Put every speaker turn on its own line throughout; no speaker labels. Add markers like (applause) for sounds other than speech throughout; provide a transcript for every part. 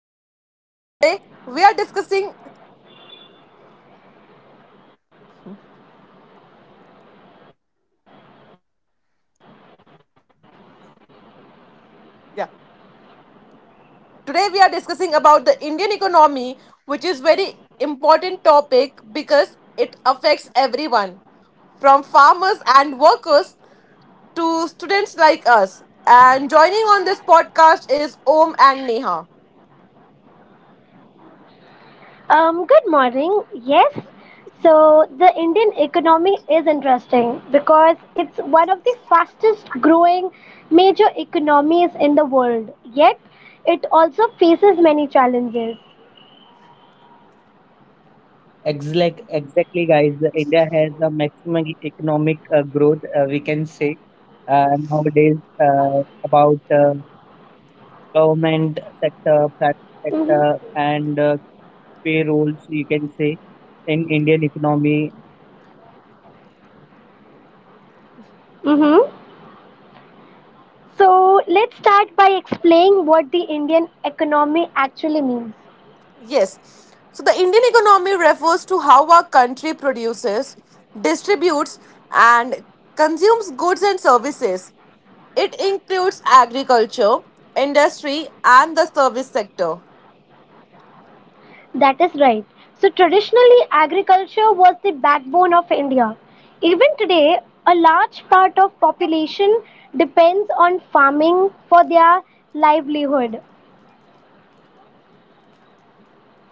podcast. Today we are discussing yeah. Today we are discussing about the Indian economy, which is very important topic because it affects everyone, from farmers and workers to students like us. And joining on this podcast is Om and Neha.
Good morning. Yes, so the Indian economy is interesting because it's one of the fastest growing major economies in the world. Yet, it also faces many challenges.
Exactly, exactly, guys. India has a maximum economic growth, we can say, nowadays about government sector, private
hmm
sector, and payrolls, you can say, in Indian economy.
hmm So, let's start by explaining what the Indian economy actually means.
Yes. So the Indian economy refers to how our country produces, distributes, and consumes goods and services. It includes agriculture, industry, and the service sector.
That is right. So traditionally, agriculture was the backbone of India. Even today, a large part of population depends on farming for their livelihood.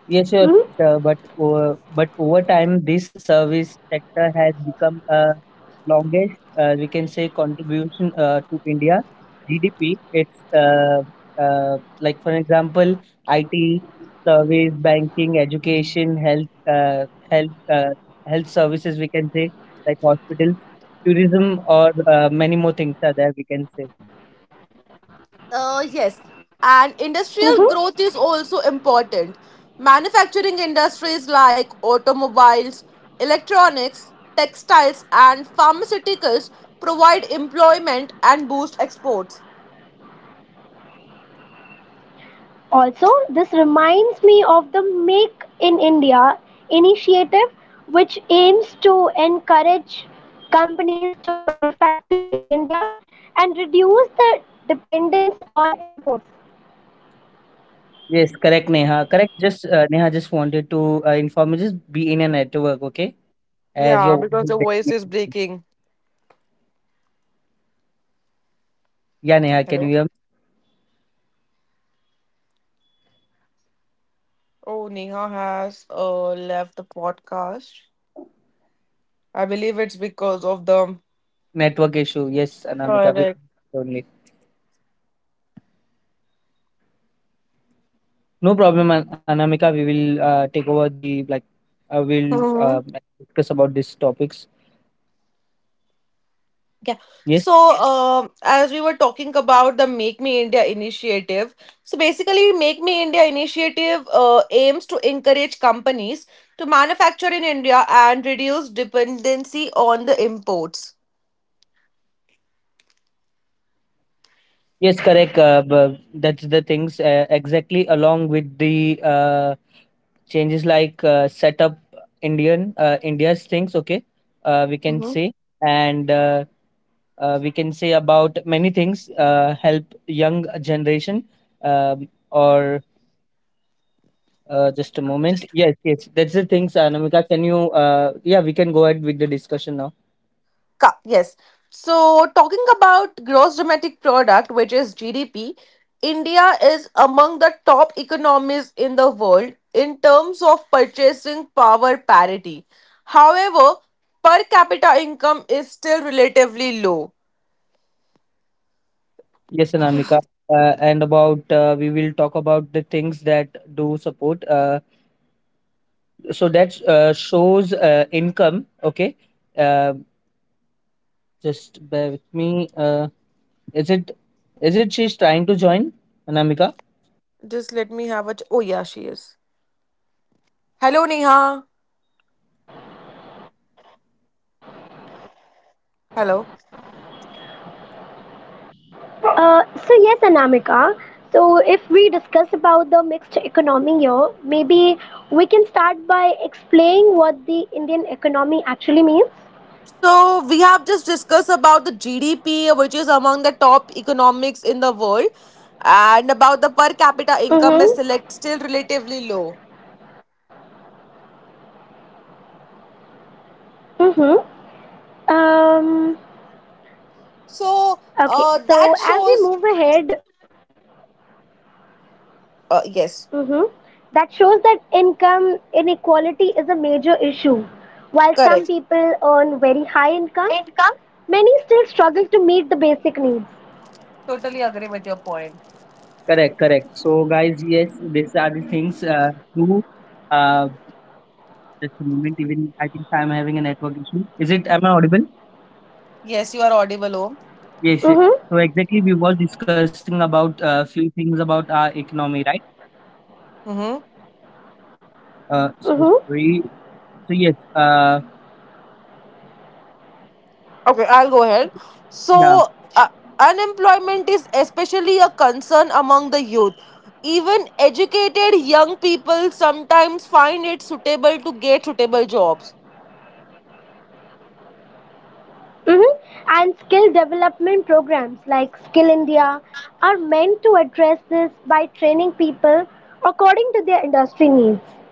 Yes, sure,
Mhm.
but but over time, this service sector has become longest, we can say, contribution to India GDP. It's like, for example, IT, service, banking, education, healthhealth, uh, services. We can say, like hospitals, tourism, or many more things are there. We can say.
Uh, yes, and
Mhm.
industrial growth is also important. Manufacturing industries like automobiles, electronics, textiles, and pharmaceuticals provide employment and boost exports.
Also, this reminds me of the Make in India initiative, which aims to encourage companies to manufacture in India and reduce the dependence on imports.
Yes, correct, Neha. Correct. Just Neha just wanted to inform you. Just be in a network, okay? As
Yeah,
your voice
because
is
the voice is
breaking.
Mhm.
breaking.
Yeah, Neha, can you
Hello?
hear me?
Oh, Neha has left the podcast. I believe it's because of the.
Network issue. Yes, Anamika, we
Correct.
only. No problem, Anamika. We will take over the, like. I will discuss about these topics.
Yeah.
So
Yes,
as
So,
I move ahead,
as we were
Om,
talking
so
about the Make
along
Me
with
India
that, schemes
initiative,
like
so
Startup
basically,
India
Make Me
and
India
Digital India
initiative
have
aims to
helped
encourage
along.
companies to manufacture in India and reduce dependency on the imports.
yes, correct. That's the things, exactly, along with the changes like setup Indian, India's things. Okay, we can say. And. We can say about many things help young generation, or. Just a moment. Yes, yes. That's the things, Anamika. Can you, yeah, we can go ahead with the discussion now.
Yes. So, talking about gross domestic product, which is GDP, India is among the top economies in the world in terms of purchasing power parity. However, per capita income is still relatively low.
Yes, Anamika. And about, we will talk about the things that do support. So that shows income. Okay. Uh, just bear with me. Is it, she's trying to join, Anamika?
Just let me have a. Ch- Oh, yeah, she is. Hello, Neha. Hello.
Uh, so yes, Anamika. So if we discuss about the mixed economy here, maybe we can start by explaining what the Indian economy actually means.
So we have just discussed about the GDP, which is among the top economics in the world, and about the per capita income is
Mm-hmm.
still relatively low.
Mm-hmm. Um,
So
okay, so
that
as we
shows.
move ahead,
Uh, yes,
mm-hmm, that shows that income inequality is a major issue. While some
Correct.
people earn very high incomes,
Income.
many still struggle to meet the basic needs.
Totally agree with your point.
Correct, correct. So, guys, yes, these are the things do. Uh, just a moment. Even I think I'm having a network issue. Is it, am I audible?
Yes, you are audible, Om.
Yes, yes.
Mm-hmm.
So exactly, we were discussing about a few things about our economy, right?
Mm-hmm.
So
Mm-hmm.
sorry. So yes,
Okay, I'll go ahead.
yeah,
So, uh, unemployment is especially a concern among the youth. Even educated young people sometimes find it suitable to get suitable jobs.
Mhm. And skill development programs like Skill India are meant to address this by training people according to their industry needs.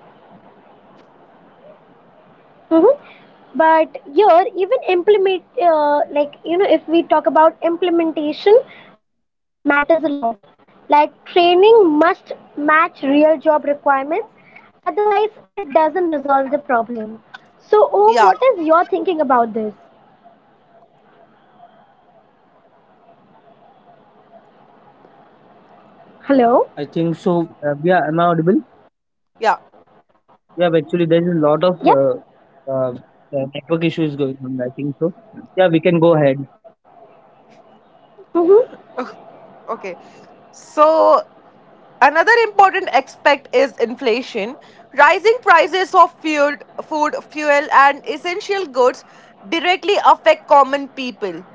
Mhm. But here, even implement, like, if we talk about implementation, matters a lot. Like, training must match real job requirements, otherwise, it doesn't resolve the problem. So, Om,
Yeah,
what is your thinking about this?
I
Hello?
think so. Yeah, am I audible?
yeah,
Yeah, actually, there's a lot of
Yep.
network issues going on. I think so. Yeah, we can go ahead.
Mm-hmm.
okay. So, another important aspect is inflation. Rising prices of food, fuel, and essential goods directly affect common people.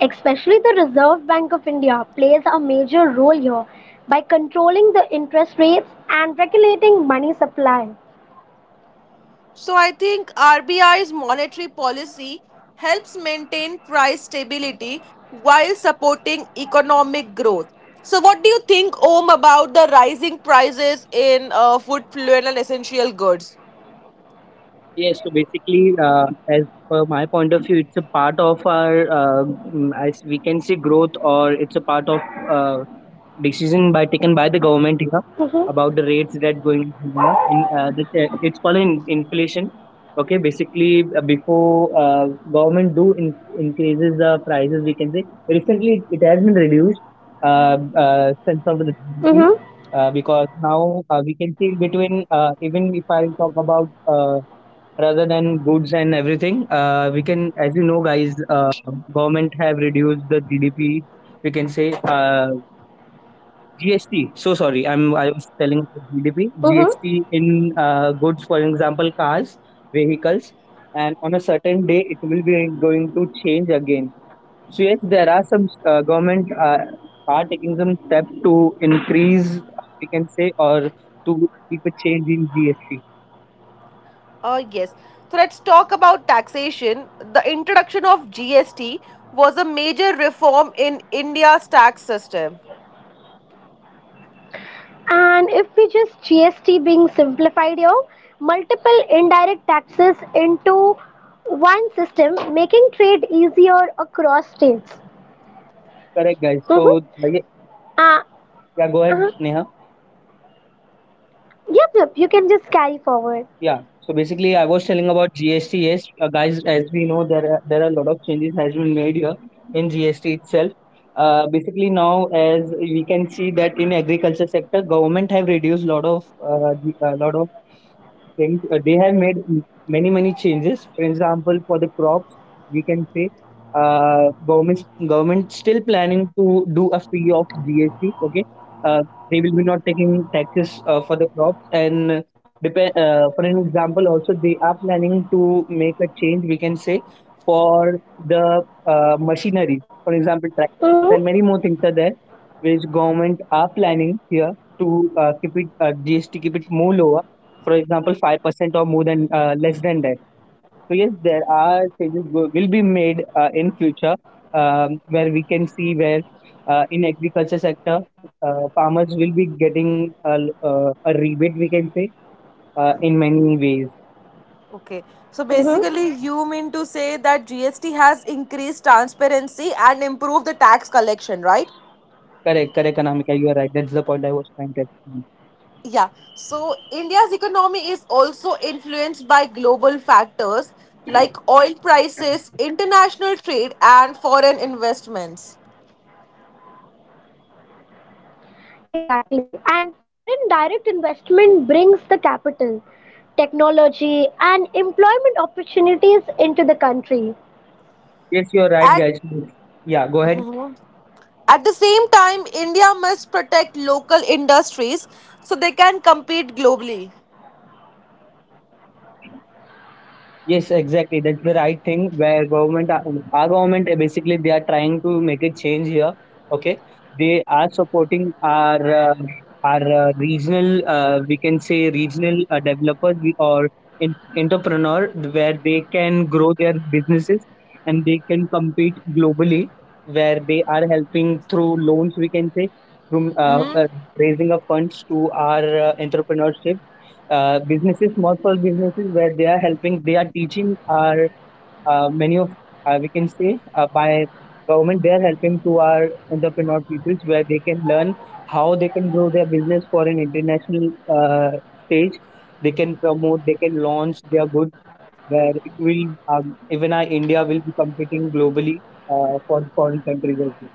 Especially the Reserve Bank of India plays major role here by controlling the interest rates and regulating money supply.
So I think RBI's monetary policy helps maintain price stability while supporting economic growth. So what do you think, Om, about the rising prices in food, fuel, and essential goods?
Yes, so basically, as per my point of view, it's a part of our, as we can say, growth, or it's a part of uh, decision by taken by the government here
Mm-hmm.
about the rates that going higher. It's called in inflation. Okay, basically, before government do increases the prices. We can say, recently it has been reduced since of the GDP,
Mm-hmm.
because now, we can see between, even if I talk about. Rather than goods and everything. We can, as you know, guys, government have reduced the GDP. We can say, GST. So sorry, I was
Mm-hmm.
telling about GDP, GST in goods, for example, cars, vehicles, and on a certain day it will be going to change again. So yes, there are some government are taking some steps to increase, we can say, or to keep a change in GST.
Yes. So let's talk about taxation. The introduction of GST was a major reform in India's tax system.
And if we just GST being simplified here, multiple indirect taxes into one system, making trade easier across states.
Correct, guys. So
Mm-hmm.
yeah,
Uh,
yeah, go ahead,
uh-huh.
Neha.
Yep, yep. You can just carry forward.
Yeah. So basically, I was telling about GST. Yes, guys, as we know, there are a lot of changes has been made here in GST itself. Basically, now, as we can see, that in agriculture sector, government have reduced a lot of things they have made many changes, for example, for the crops, we can say. Uh, government government still planning to do a fee of GST, okay, uh, they will be not taking taxes for the crops, and depend, for an example also, they are planning to make a change, we can say, for the machinery,
Mm-hmm.
for example, tractors, and many more things are there, which government are planning here to keep it, GST, keep it more lower, for example, 5% or more than, less than that. So yes, there are changes will be made in future, where we can see, where in agriculture sector, farmers will be getting a, a rebate, we can say, in many ways.
Okay. So basically,
Mm-hmm.
you mean to say that GST has increased transparency and improved the tax collection, right?
Correct, correct, Anamika, you are right. That's the point I was trying to explain.
Yeah, so India's economy is also influenced by global factors like oil prices, international trade, and foreign investments.
Exactly. And foreign direct investment brings the capital, technology, and employment opportunities into the country.
Yes, you are right,
At,
guys. Yeah, go ahead.
at the same time, India must protect local industries so they can compete globally.
Yes, exactly. That's the right thing where government, our government, basically they are trying to make a change here. Okay, they are supporting our regional, we can say, regional developers, or entrepreneur, where they can grow their businesses and they can compete globally. Where they are helping through loans, we can say, through
Hmm.
raising of funds to our entrepreneurship, businesses, small businesses, where they are helping, they are teaching our many of, we can say, by government they are helping to our entrepreneur peoples, where they can learn how they can grow their business for an international stage. They can promote, they can launch their goods, where it will, even our India will be competing globally, for foreign countries as well.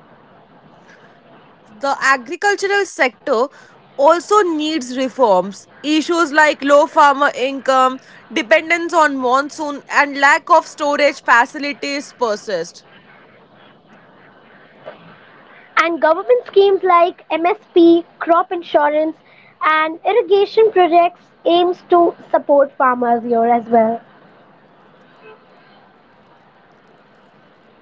The agricultural sector also needs reforms. Issues like low farmer income, dependence on monsoon, and lack of storage facilities persist.
And government schemes like MSP, crop insurance, and irrigation projects aims to support farmers here as well.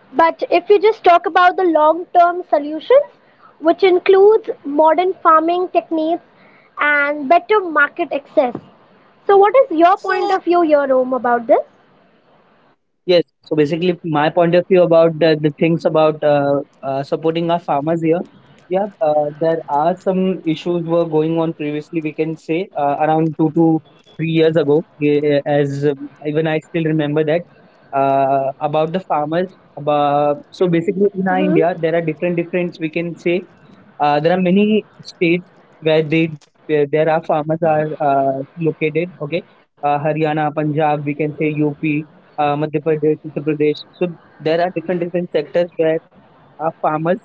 But if you just talk about the long-term solutions, which includes modern farming techniques and better market access. So what is your point
So,
of view here, Om, about this?
Yes. So basically, my point of view about the things about supporting our farmers here. Yeah, there are some issues were going on previously. We can say, around 2 to 3 years ago, as, even I still remember that about the farmers. About, so
Mm-hmm.
basically, in our India, there are different different. We can say, there are many states where they where there are farmers are located. Okay, Haryana, Punjab. We can say UP, Madhya Pradesh, Uttar Pradesh. So there are different different sectors where farmers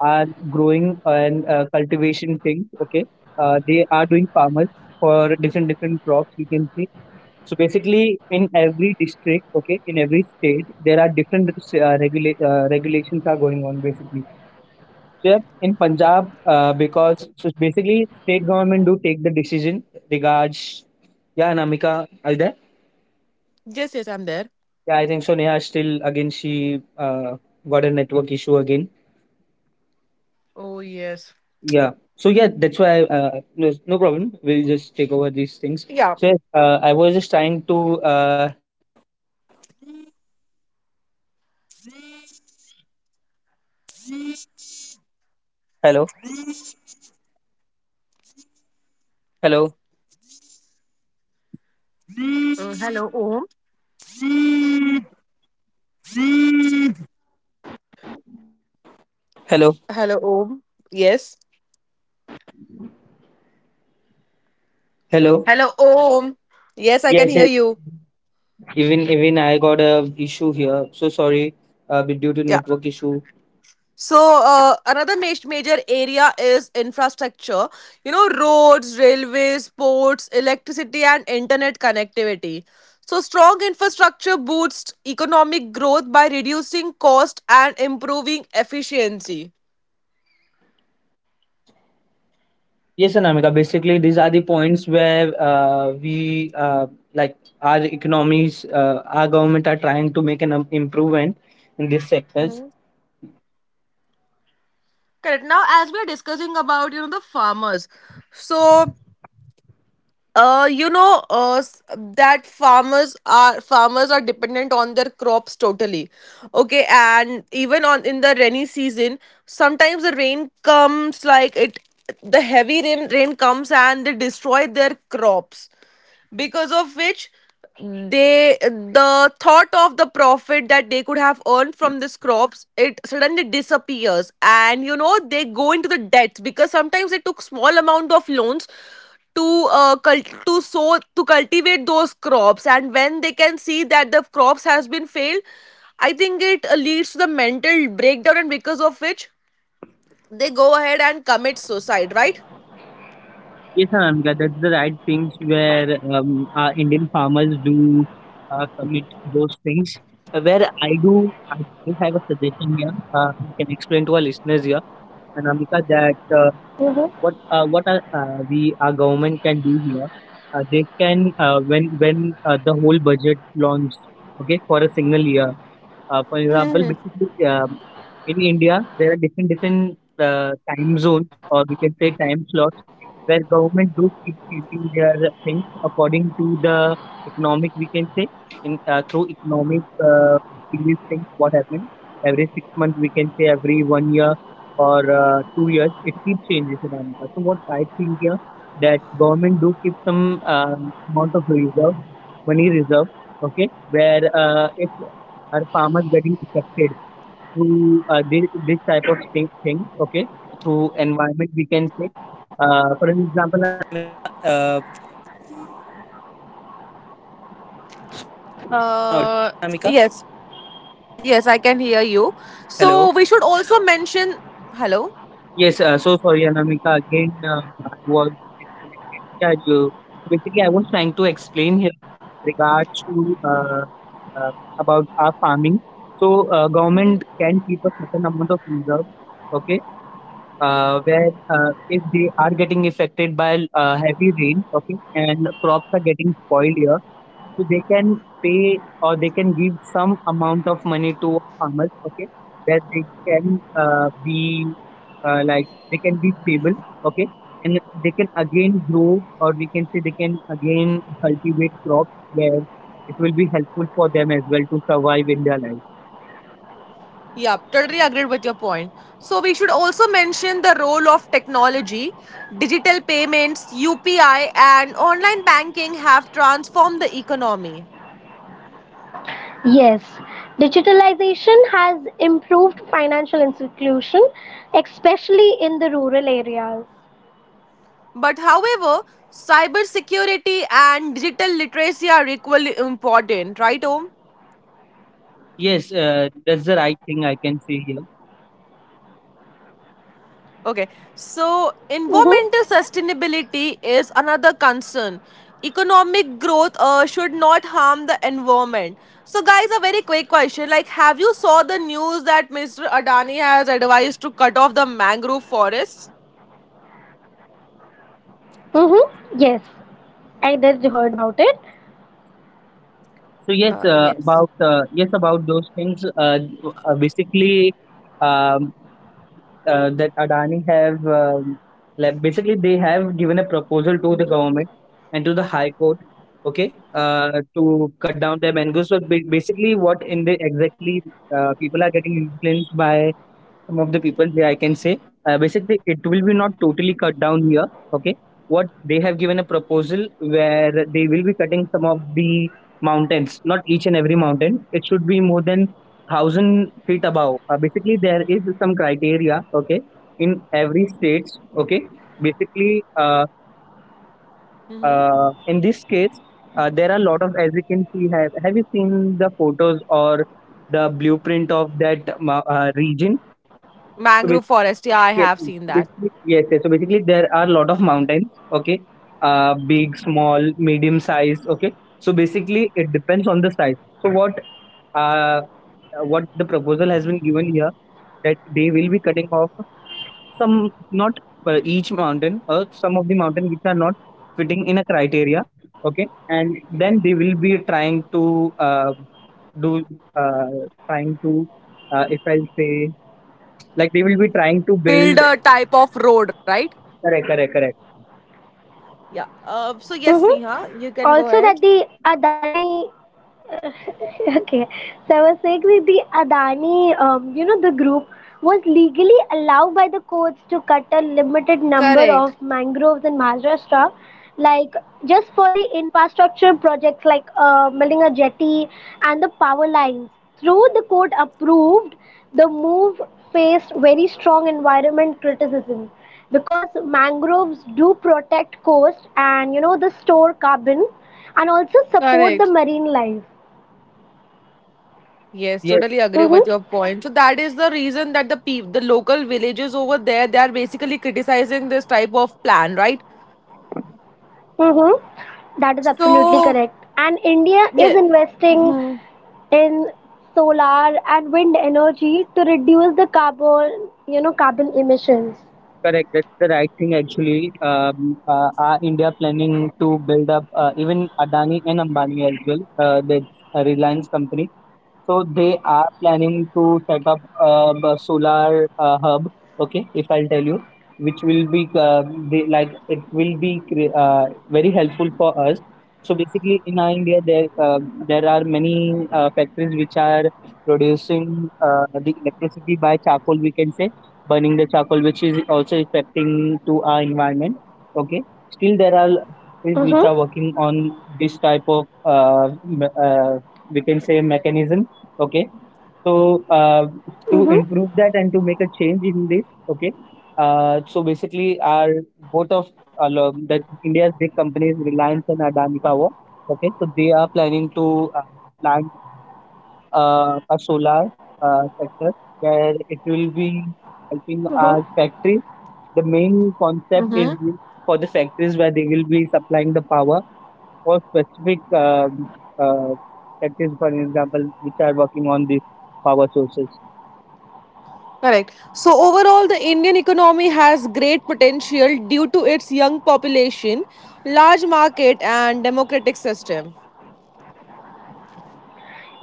are growing, and cultivation things. Okay, they are doing farmers for different different crops. We can see. So basically, in every district, okay, in every state, there are different regulations are going on, basically. So yeah, in Punjab, because so basically state government do take the decision regards. Yeah, Namika, are you there?
yes, yes, I'm there.
Mm-hmm.
Yeah, I think so. Neha still again she got a network issue again.
Oh, yes.
Yeah. So yeah, that's why no, no problem. We'll just take over these things.
So,
Hello, Om. Hello, Om. Yes. Hello,
Hello.
Om. Yes, I can hear
Yes, yes.
you.
Even I got a issue here. So sorry, but due to
Yeah.
network issue.
So, major area is infrastructure. You know, roads, railways, ports, electricity, and internet connectivity. So, strong infrastructure boosts economic growth by reducing cost and improving efficiency.
Yes, Anamika. Basically, these are the points where we, like, our economies, our government are trying to make an, improvement in these sectors.
Correct. Now, as we are discussing about, you know, the farmers. So, that farmers are dependent on their crops totally. Okay, and even on in the rainy season, sometimes the rain comes like it. The heavy rain comes and they destroy their crops, because of which they, the thought of the profit that they could have earned from these crops, it suddenly disappears. And you know, they go into the debts because sometimes they took small amount of loans to to sow to cultivate those crops. And when they can see that the crops has been failed, I think it leads to the mental breakdown, and because of which they go ahead and commit suicide, right?
Yes, Anamika. That's the right things where, our Indian farmers do commit those things. Where I do have a suggestion here. I can explain to our listeners here, Anamika, that. uh, what
mhm.
uh, what are, we, our government can do here, they can, when the whole budget launched, okay, for a single year, for example
Hmm.
basically, in india there are different different time zones, or we can say, time slots, where government do keep changing their things according to the economic, we can say, in, through economic, uh, these things what happens every 6 months, we can say, every one year or 2 years, it keeps changes in America. So what I think here, that government do keep some, amount of reserve, money reserve, okay, where, if our farmers getting affected through this type of things, okay, through environment, we can say.
Uh, yes, yes, I can hear you. So we should also mention. Hello?
Yes, so sorry, Anamika. Again, I was disconnected. Yeah, you. So basically, I was trying to explain here, regards to, uh, about our farming. So government can keep a certain amount of reserve. Okay, where, if they are getting affected by heavy rain, okay, and crops are getting spoiled here, so they can pay, or they can give some amount of money to farmers, okay, that they can, be, like they can be stable, okay, and they can again grow, or we can say, they can again cultivate crops, where it will be helpful for them as well to survive in their life.
Yeah, totally agreed with your point. So we should also mention the role of technology. Digital payments, UPI, and online banking have transformed the economy.
Yes, digitalization has improved financial inclusion, especially in the rural areas.
But however, cybersecurity and digital literacy are equally important, right, Om?
Yes, that's the right thing I can say here.
Okay,
Mm-hmm.
so environmental sustainability is another concern. Economic growth should not harm the environment. So, guys, a very quick question: like, have you saw the news that Mr. Adani has advised to cut off the mangrove forests?
Mm-hmm. Yes, I did heard about it.
So yes, about yes, about those things. Basically, um, that Adani have, like basically they have given a proposal to the
Hmm.
government and to the High Court, okay, to cut down their mangoes. So basically, what in the exactly, people are getting influenced by some of the people there, I can say. Basically, it will be not totally cut down here, okay. What they have given a proposal, where they will be cutting some of the mountains, not each and every mountain. It should be more than 1,000 feet above. Basically, there is some criteria, okay, in every states, okay. Basically,
Hmm.
in this case, there are a lot of, as you can see. Have you seen the photos or the blueprint of that region? So
Mangrove
basically
forest, yeah, I
Yes,
have seen
so
that.
basically, yes, yes. So basically, there are a lot of mountains, okay? Big, small, medium size, okay? So basically, it depends on the size. So uh, what the proposal has been given here, that they will be cutting off some, not each mountain, or some of the mountain which are not fitting in a criteria, okay? And then they will be do, uh, trying to, if I say, like, they will be trying to
Build
build,
a type of road, right?
correct, correct, correct
Yeah. So yes,
Mm-hmm.
Neha, you can go
Also,
ahead.
that the Adani (laughs) Okay, so I was saying that the Adani, the group was legally allowed by the courts to cut a limited number of
Correct,
mangroves in Maharashtra, like just for the infrastructure projects like building a jetty and the power lines. Through the court approved, the move faced very strong environment criticism because mangroves do protect coast and the store carbon and also support the
correct.
marine life.
Yes,
Yes,
totally agree with
Mhm.
your point. So that is the reason that the people, the local villages over there, they are basically criticizing this type of plan, right?
Mm-hmm. That is absolutely
So,
correct. And India is
yeah.
investing
Hmm.
in solar and wind energy to reduce the carbon, carbon emissions.
correct. That's the right thing, actually. Are India planning to build up, even Adani and Ambani as well? That's a Reliance company. So they are planning to set up a solar hub. Okay, if I'll tell you, which will be they, like it will be very helpful for us. So basically, in our India, there are many factories which are producing the electricity by charcoal, we can say, burning the charcoal, which is also affecting to our environment. Okay, still there are factories which are
Mm-hmm.
working on this type of we can say, mechanism. Okay, so uh, to improve
Mm-hmm.
that and to make a change in this. Okay, so basically, our, both of the India's big companies, Reliance and Adani Power. Okay, so they are planning to plant a solar sector, where it will be
Mm-hmm.
helping our factories. The main concept is
Mm-hmm.
for the factories, where they will be supplying the power for specific uh, factories, for example, which are working on these power sources.
Correct. So overall, the Indian economy has great potential due to its young population, large market, and democratic system.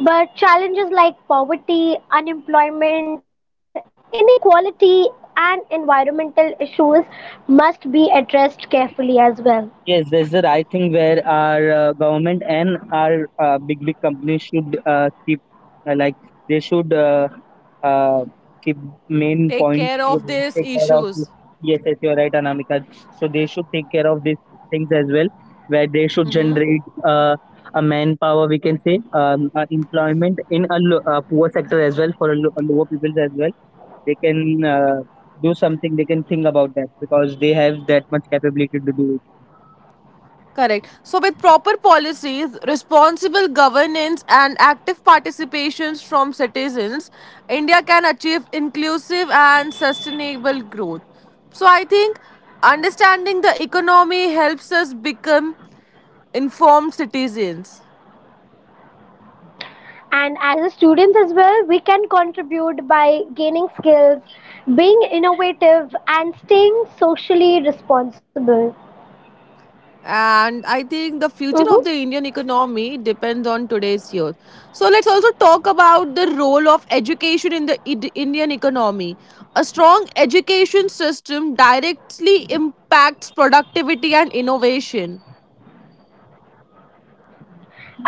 But challenges like poverty, unemployment, inequality, and environmental issues must be addressed carefully as well.
Yes, that's the right thing, where our government and our big big companies should keep like they should uh, keep main
Take
point
care of these
take care of this.
issues.
Yes, yes, you're right, Anamika. So they should take care of these things as well, where they should
Mm-hmm.
generate a manpower, we can say, employment in a, a poor sector as well, for a, a lower people as well. They can do something. They can think about that, because they have that much capability to do it.
Correct. So, with proper policies, responsible governance, and active participations from citizens, India can achieve inclusive and sustainable growth. So, I think understanding the economy helps us become informed citizens.
And as a students as well, we can contribute by gaining skills, being innovative, and staying socially responsible.
And I think the future of
Hmm.
the Indian economy depends on today's youth. So let's also talk about the role of education in the Indian economy. A strong education system directly impacts productivity and innovation.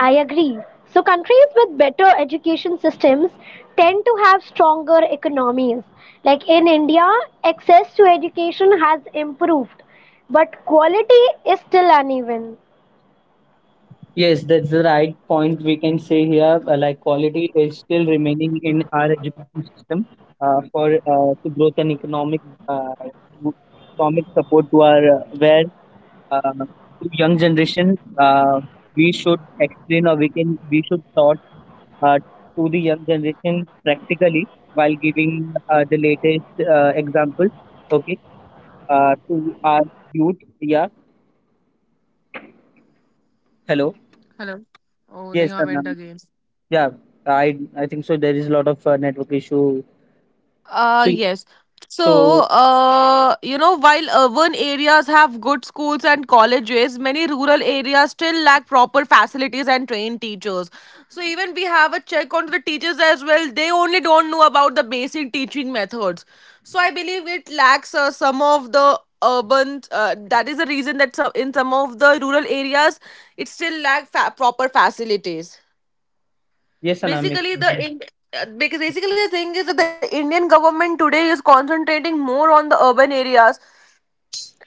I agree. So countries with better education systems have stronger economies. Like in India, access to education has improved, but quality is still uneven.
Yes, that's the right point we can say here. Like, quality is still remaining in our education system, for to growth and uh, to economic support to our, where uh, to young generation, we should explain, or we should taught uh, to the young generation practically, while giving the latest example. Okay, to our youth.
hmm
Yeah. Hello.
Hello.
hmm
Oh,
Yes,
Neha
Anna.
went again.
Yeah,
Mm, that
I
is
I
so
think so. There
true.
is a lot
While
of
the urban
network issue.
areas have good,
So
Yes.
schools and
so
So,
colleges, and
you
many
know, while
rural
urban
areas
areas have
still
good
lack
schools
proper
and colleges,
facilities
many rural
and
areas still
trained,
lack proper facilities and
teachers.
trained teachers. So, even we have a check on the teachers as well. They only don't know about the basic teaching methods. So, I believe it lacks some of the urban. That is the reason that some, in some of the rural
Hello.
areas, it still lacks proper facilities.
yes, Anamik.
Basically, the in- because basically the thing is that the Indian government today is concentrating more on the urban areas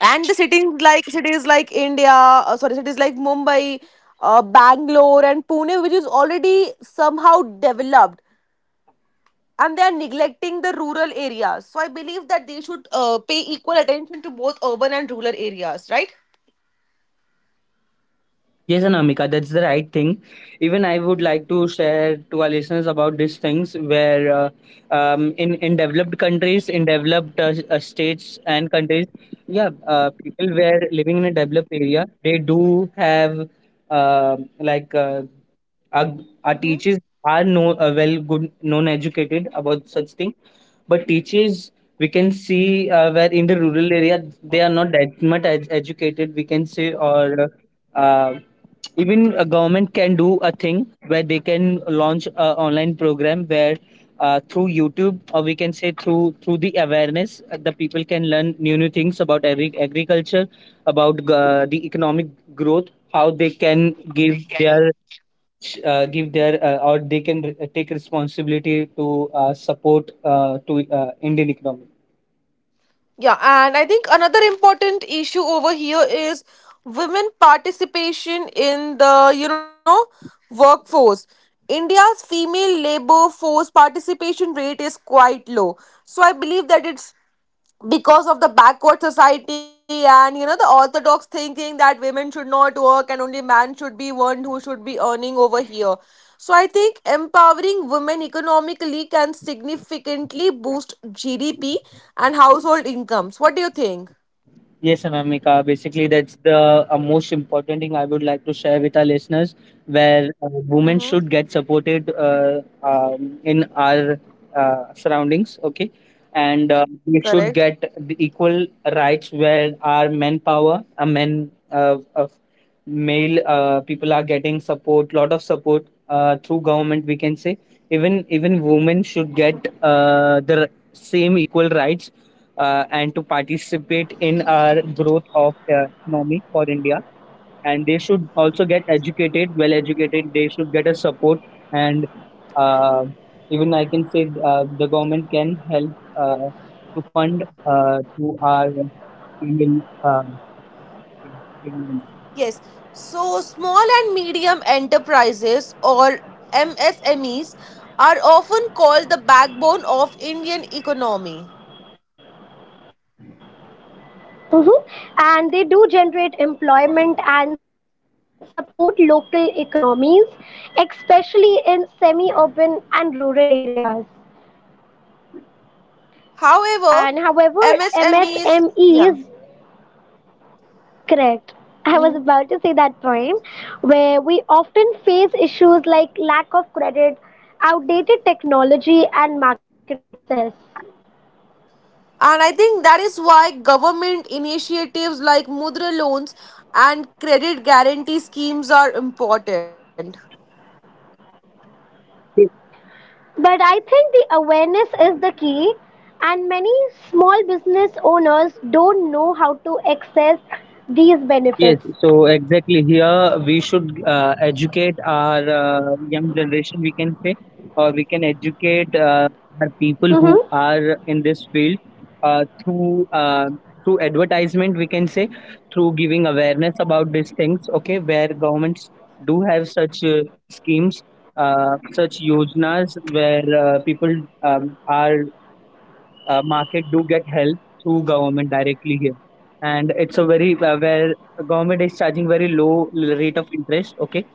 and the cities like cities like Mumbai, Bangalore, and Pune, which is already somehow developed, and they are neglecting the rural areas. So I believe that they should pay equal attention to both urban and rural areas, right?
Yes, Anamika, that's the right thing. Even I would like to share to our listeners about these things, where in developed countries, in developed states and countries, yeah, people were living in a developed area, they do have uh, like uh, our, our teachers are no, well good known educated about such thing. But teachers, we can see where in the rural area they are not that much educated, we can say. Or uh, even a government can do a thing, where they can launch a online program, where through YouTube, or we can say, through the awareness, the people can learn new things about agriculture, about the economic growth, how they can give their or they can take responsibility to support to Indian economy.
Yeah, and I think another important issue over here is women participation in the, you know, workforce. India's female labor force participation rate is quite low. So I believe that it's because of the backward society, and you know, the orthodox thinking that women should not work and only man should be one who should be earning over here. So I think empowering women economically can significantly boost GDP and household incomes. What do you think?
Yes, Anamika. Basically, that's the most important thing I would like to share with our listeners, where
Hmm.
women should get supported in our surroundings, okay? And we
Correct.
should get the equal rights, where our manpower, a men of male people are getting support, lot of support through government. We can say, even women should get the same equal rights, and to participate in our growth of economy for India. And they should also get educated, well educated. They should get a support, and uh, even I can say, the government can help to fund to our female Indian-
Yes, so small and medium enterprises, or MSMEs, are often called the backbone of Indian economy.
Mhm. And they do generate employment and support local economies, especially in semi urban and rural areas.
However,
And however,
MSMEs, yeah.
MSMEs, correct. I
Mhm.
was say that point, where we often face issues like lack of credit, outdated technology, and market access.
And I think that is why government initiatives like Mudra loans and credit guarantee schemes are important.
But I think the awareness is the key, and many small business owners don't know how to access these
Yes,
benefits.
so exactly here we should educate our young generation, we can say, or we can educate our people who
hmm
are in this field, through advertisement, we can say, through giving awareness about these things. Okay, where governments do have such schemes, such yojnas, where people are, market do get help through government directly here. And it's a very where government is charging very low rate of interest. Okay,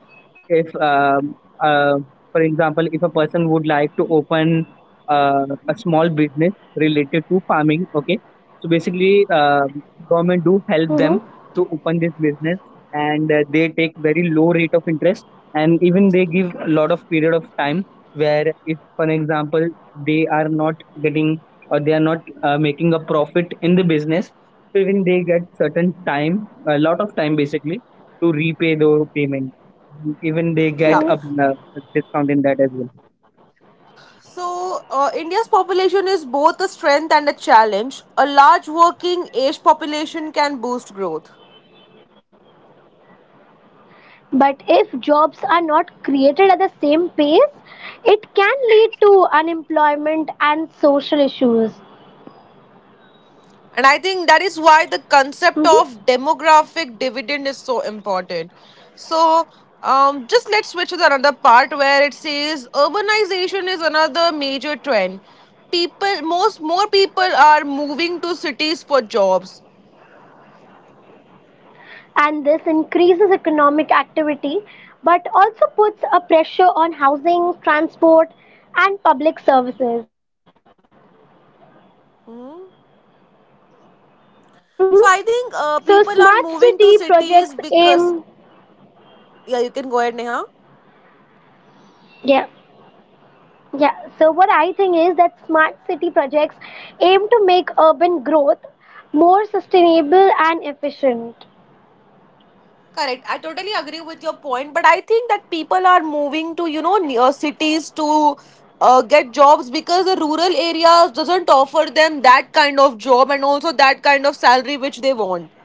if uh, for example, if a person would like to open a small business related to farming. Okay, so basically, government do help them
hmm
to open this business, and they take very low rate of interest. And even they give a lot of period of time, where if, for example, they are not getting, or they are not making a profit in the business, so even they get certain time, a lot of time basically, to repay the payment. Even they
Yeah.
get a,
hmm
a discount in that as well.
So, India's population is both a strength and a challenge. A large working age population can boost growth.
But if jobs are not created at the same pace, it can lead to unemployment and social issues.
And I think that is why the concept
Hmm.
of demographic dividend is so important. So, just let's switch to the another part where it says urbanization is another major trend. Most more people are moving to cities for jobs.
And this increases economic activity but also puts a pressure on housing, transport, and public services.
Hmm. So I
Mm-hmm.
think
So
people are
smart
moving to
city
cities
projects
because
aim.
yeah, you can go ahead, Neha.
Yeah, yeah, so what I think is that smart city projects aim to urban growth more sustainable and efficient.
Correct. I totally agree with your point, but I think that people are moving to, you know, near cities to get jobs because the rural areas doesn't offer them that kind of job and also that kind of salary which they want.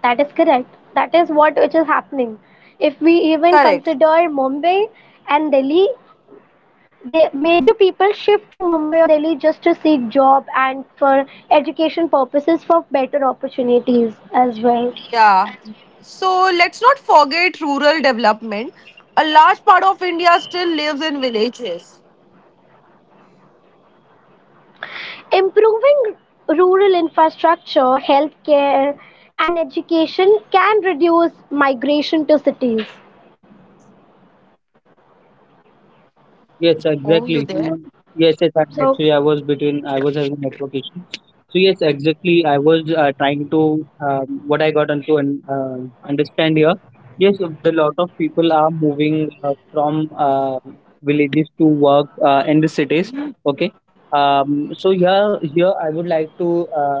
That is correct. That is what which is happening. If we even
Correct.
consider Mumbai and Delhi, the major people shift to Mumbai or Delhi just to seek job and for education purposes, for better opportunities as well.
Yeah. So let's not forget rural development. A large part of India still lives in villages.
Improving rural infrastructure, healthcare, and education can reduce migration to cities.
Yes,
Home,
exactly.
you
You know,
there?
yes, yes. I,
So,
actually, I was between. I was having network issue. So yes, exactly. I was trying to what I got onto, and understand here. Yes, the lot of people are moving from villages to work in the cities. Okay. So here I would like to uh,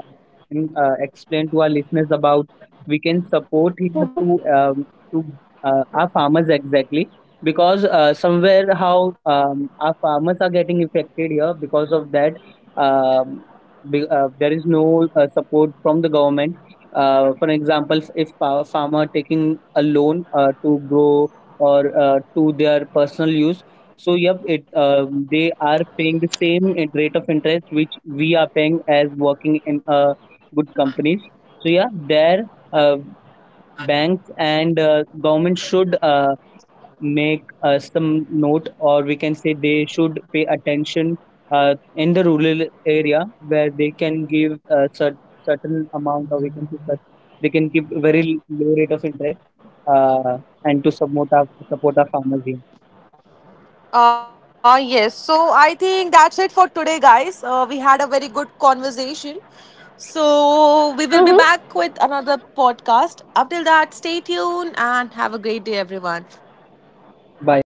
in- uh, explain to our listeners about we can support here
mm-hmm,
to our farmers exactly, because somewhere how our farmers are getting affected here because of that, um, there is no support from the government. For example, if a farmer taking a loan to grow, or to their personal use, so yep, it they are paying the same rate of interest which we are paying as working in good companies. So yeah, there uh, banks and government should make some note, or we can say, they should pay attention in the rural area, where they can give a certain amount, or we can say that they can give very low rate of interest, and to support our farmers here.
Yes. So I think that's it for today, guys. We had a very good conversation. So we will be back
mm-hmm,
with another podcast. Up till that, stay tuned and have a great day, everyone.
Bye.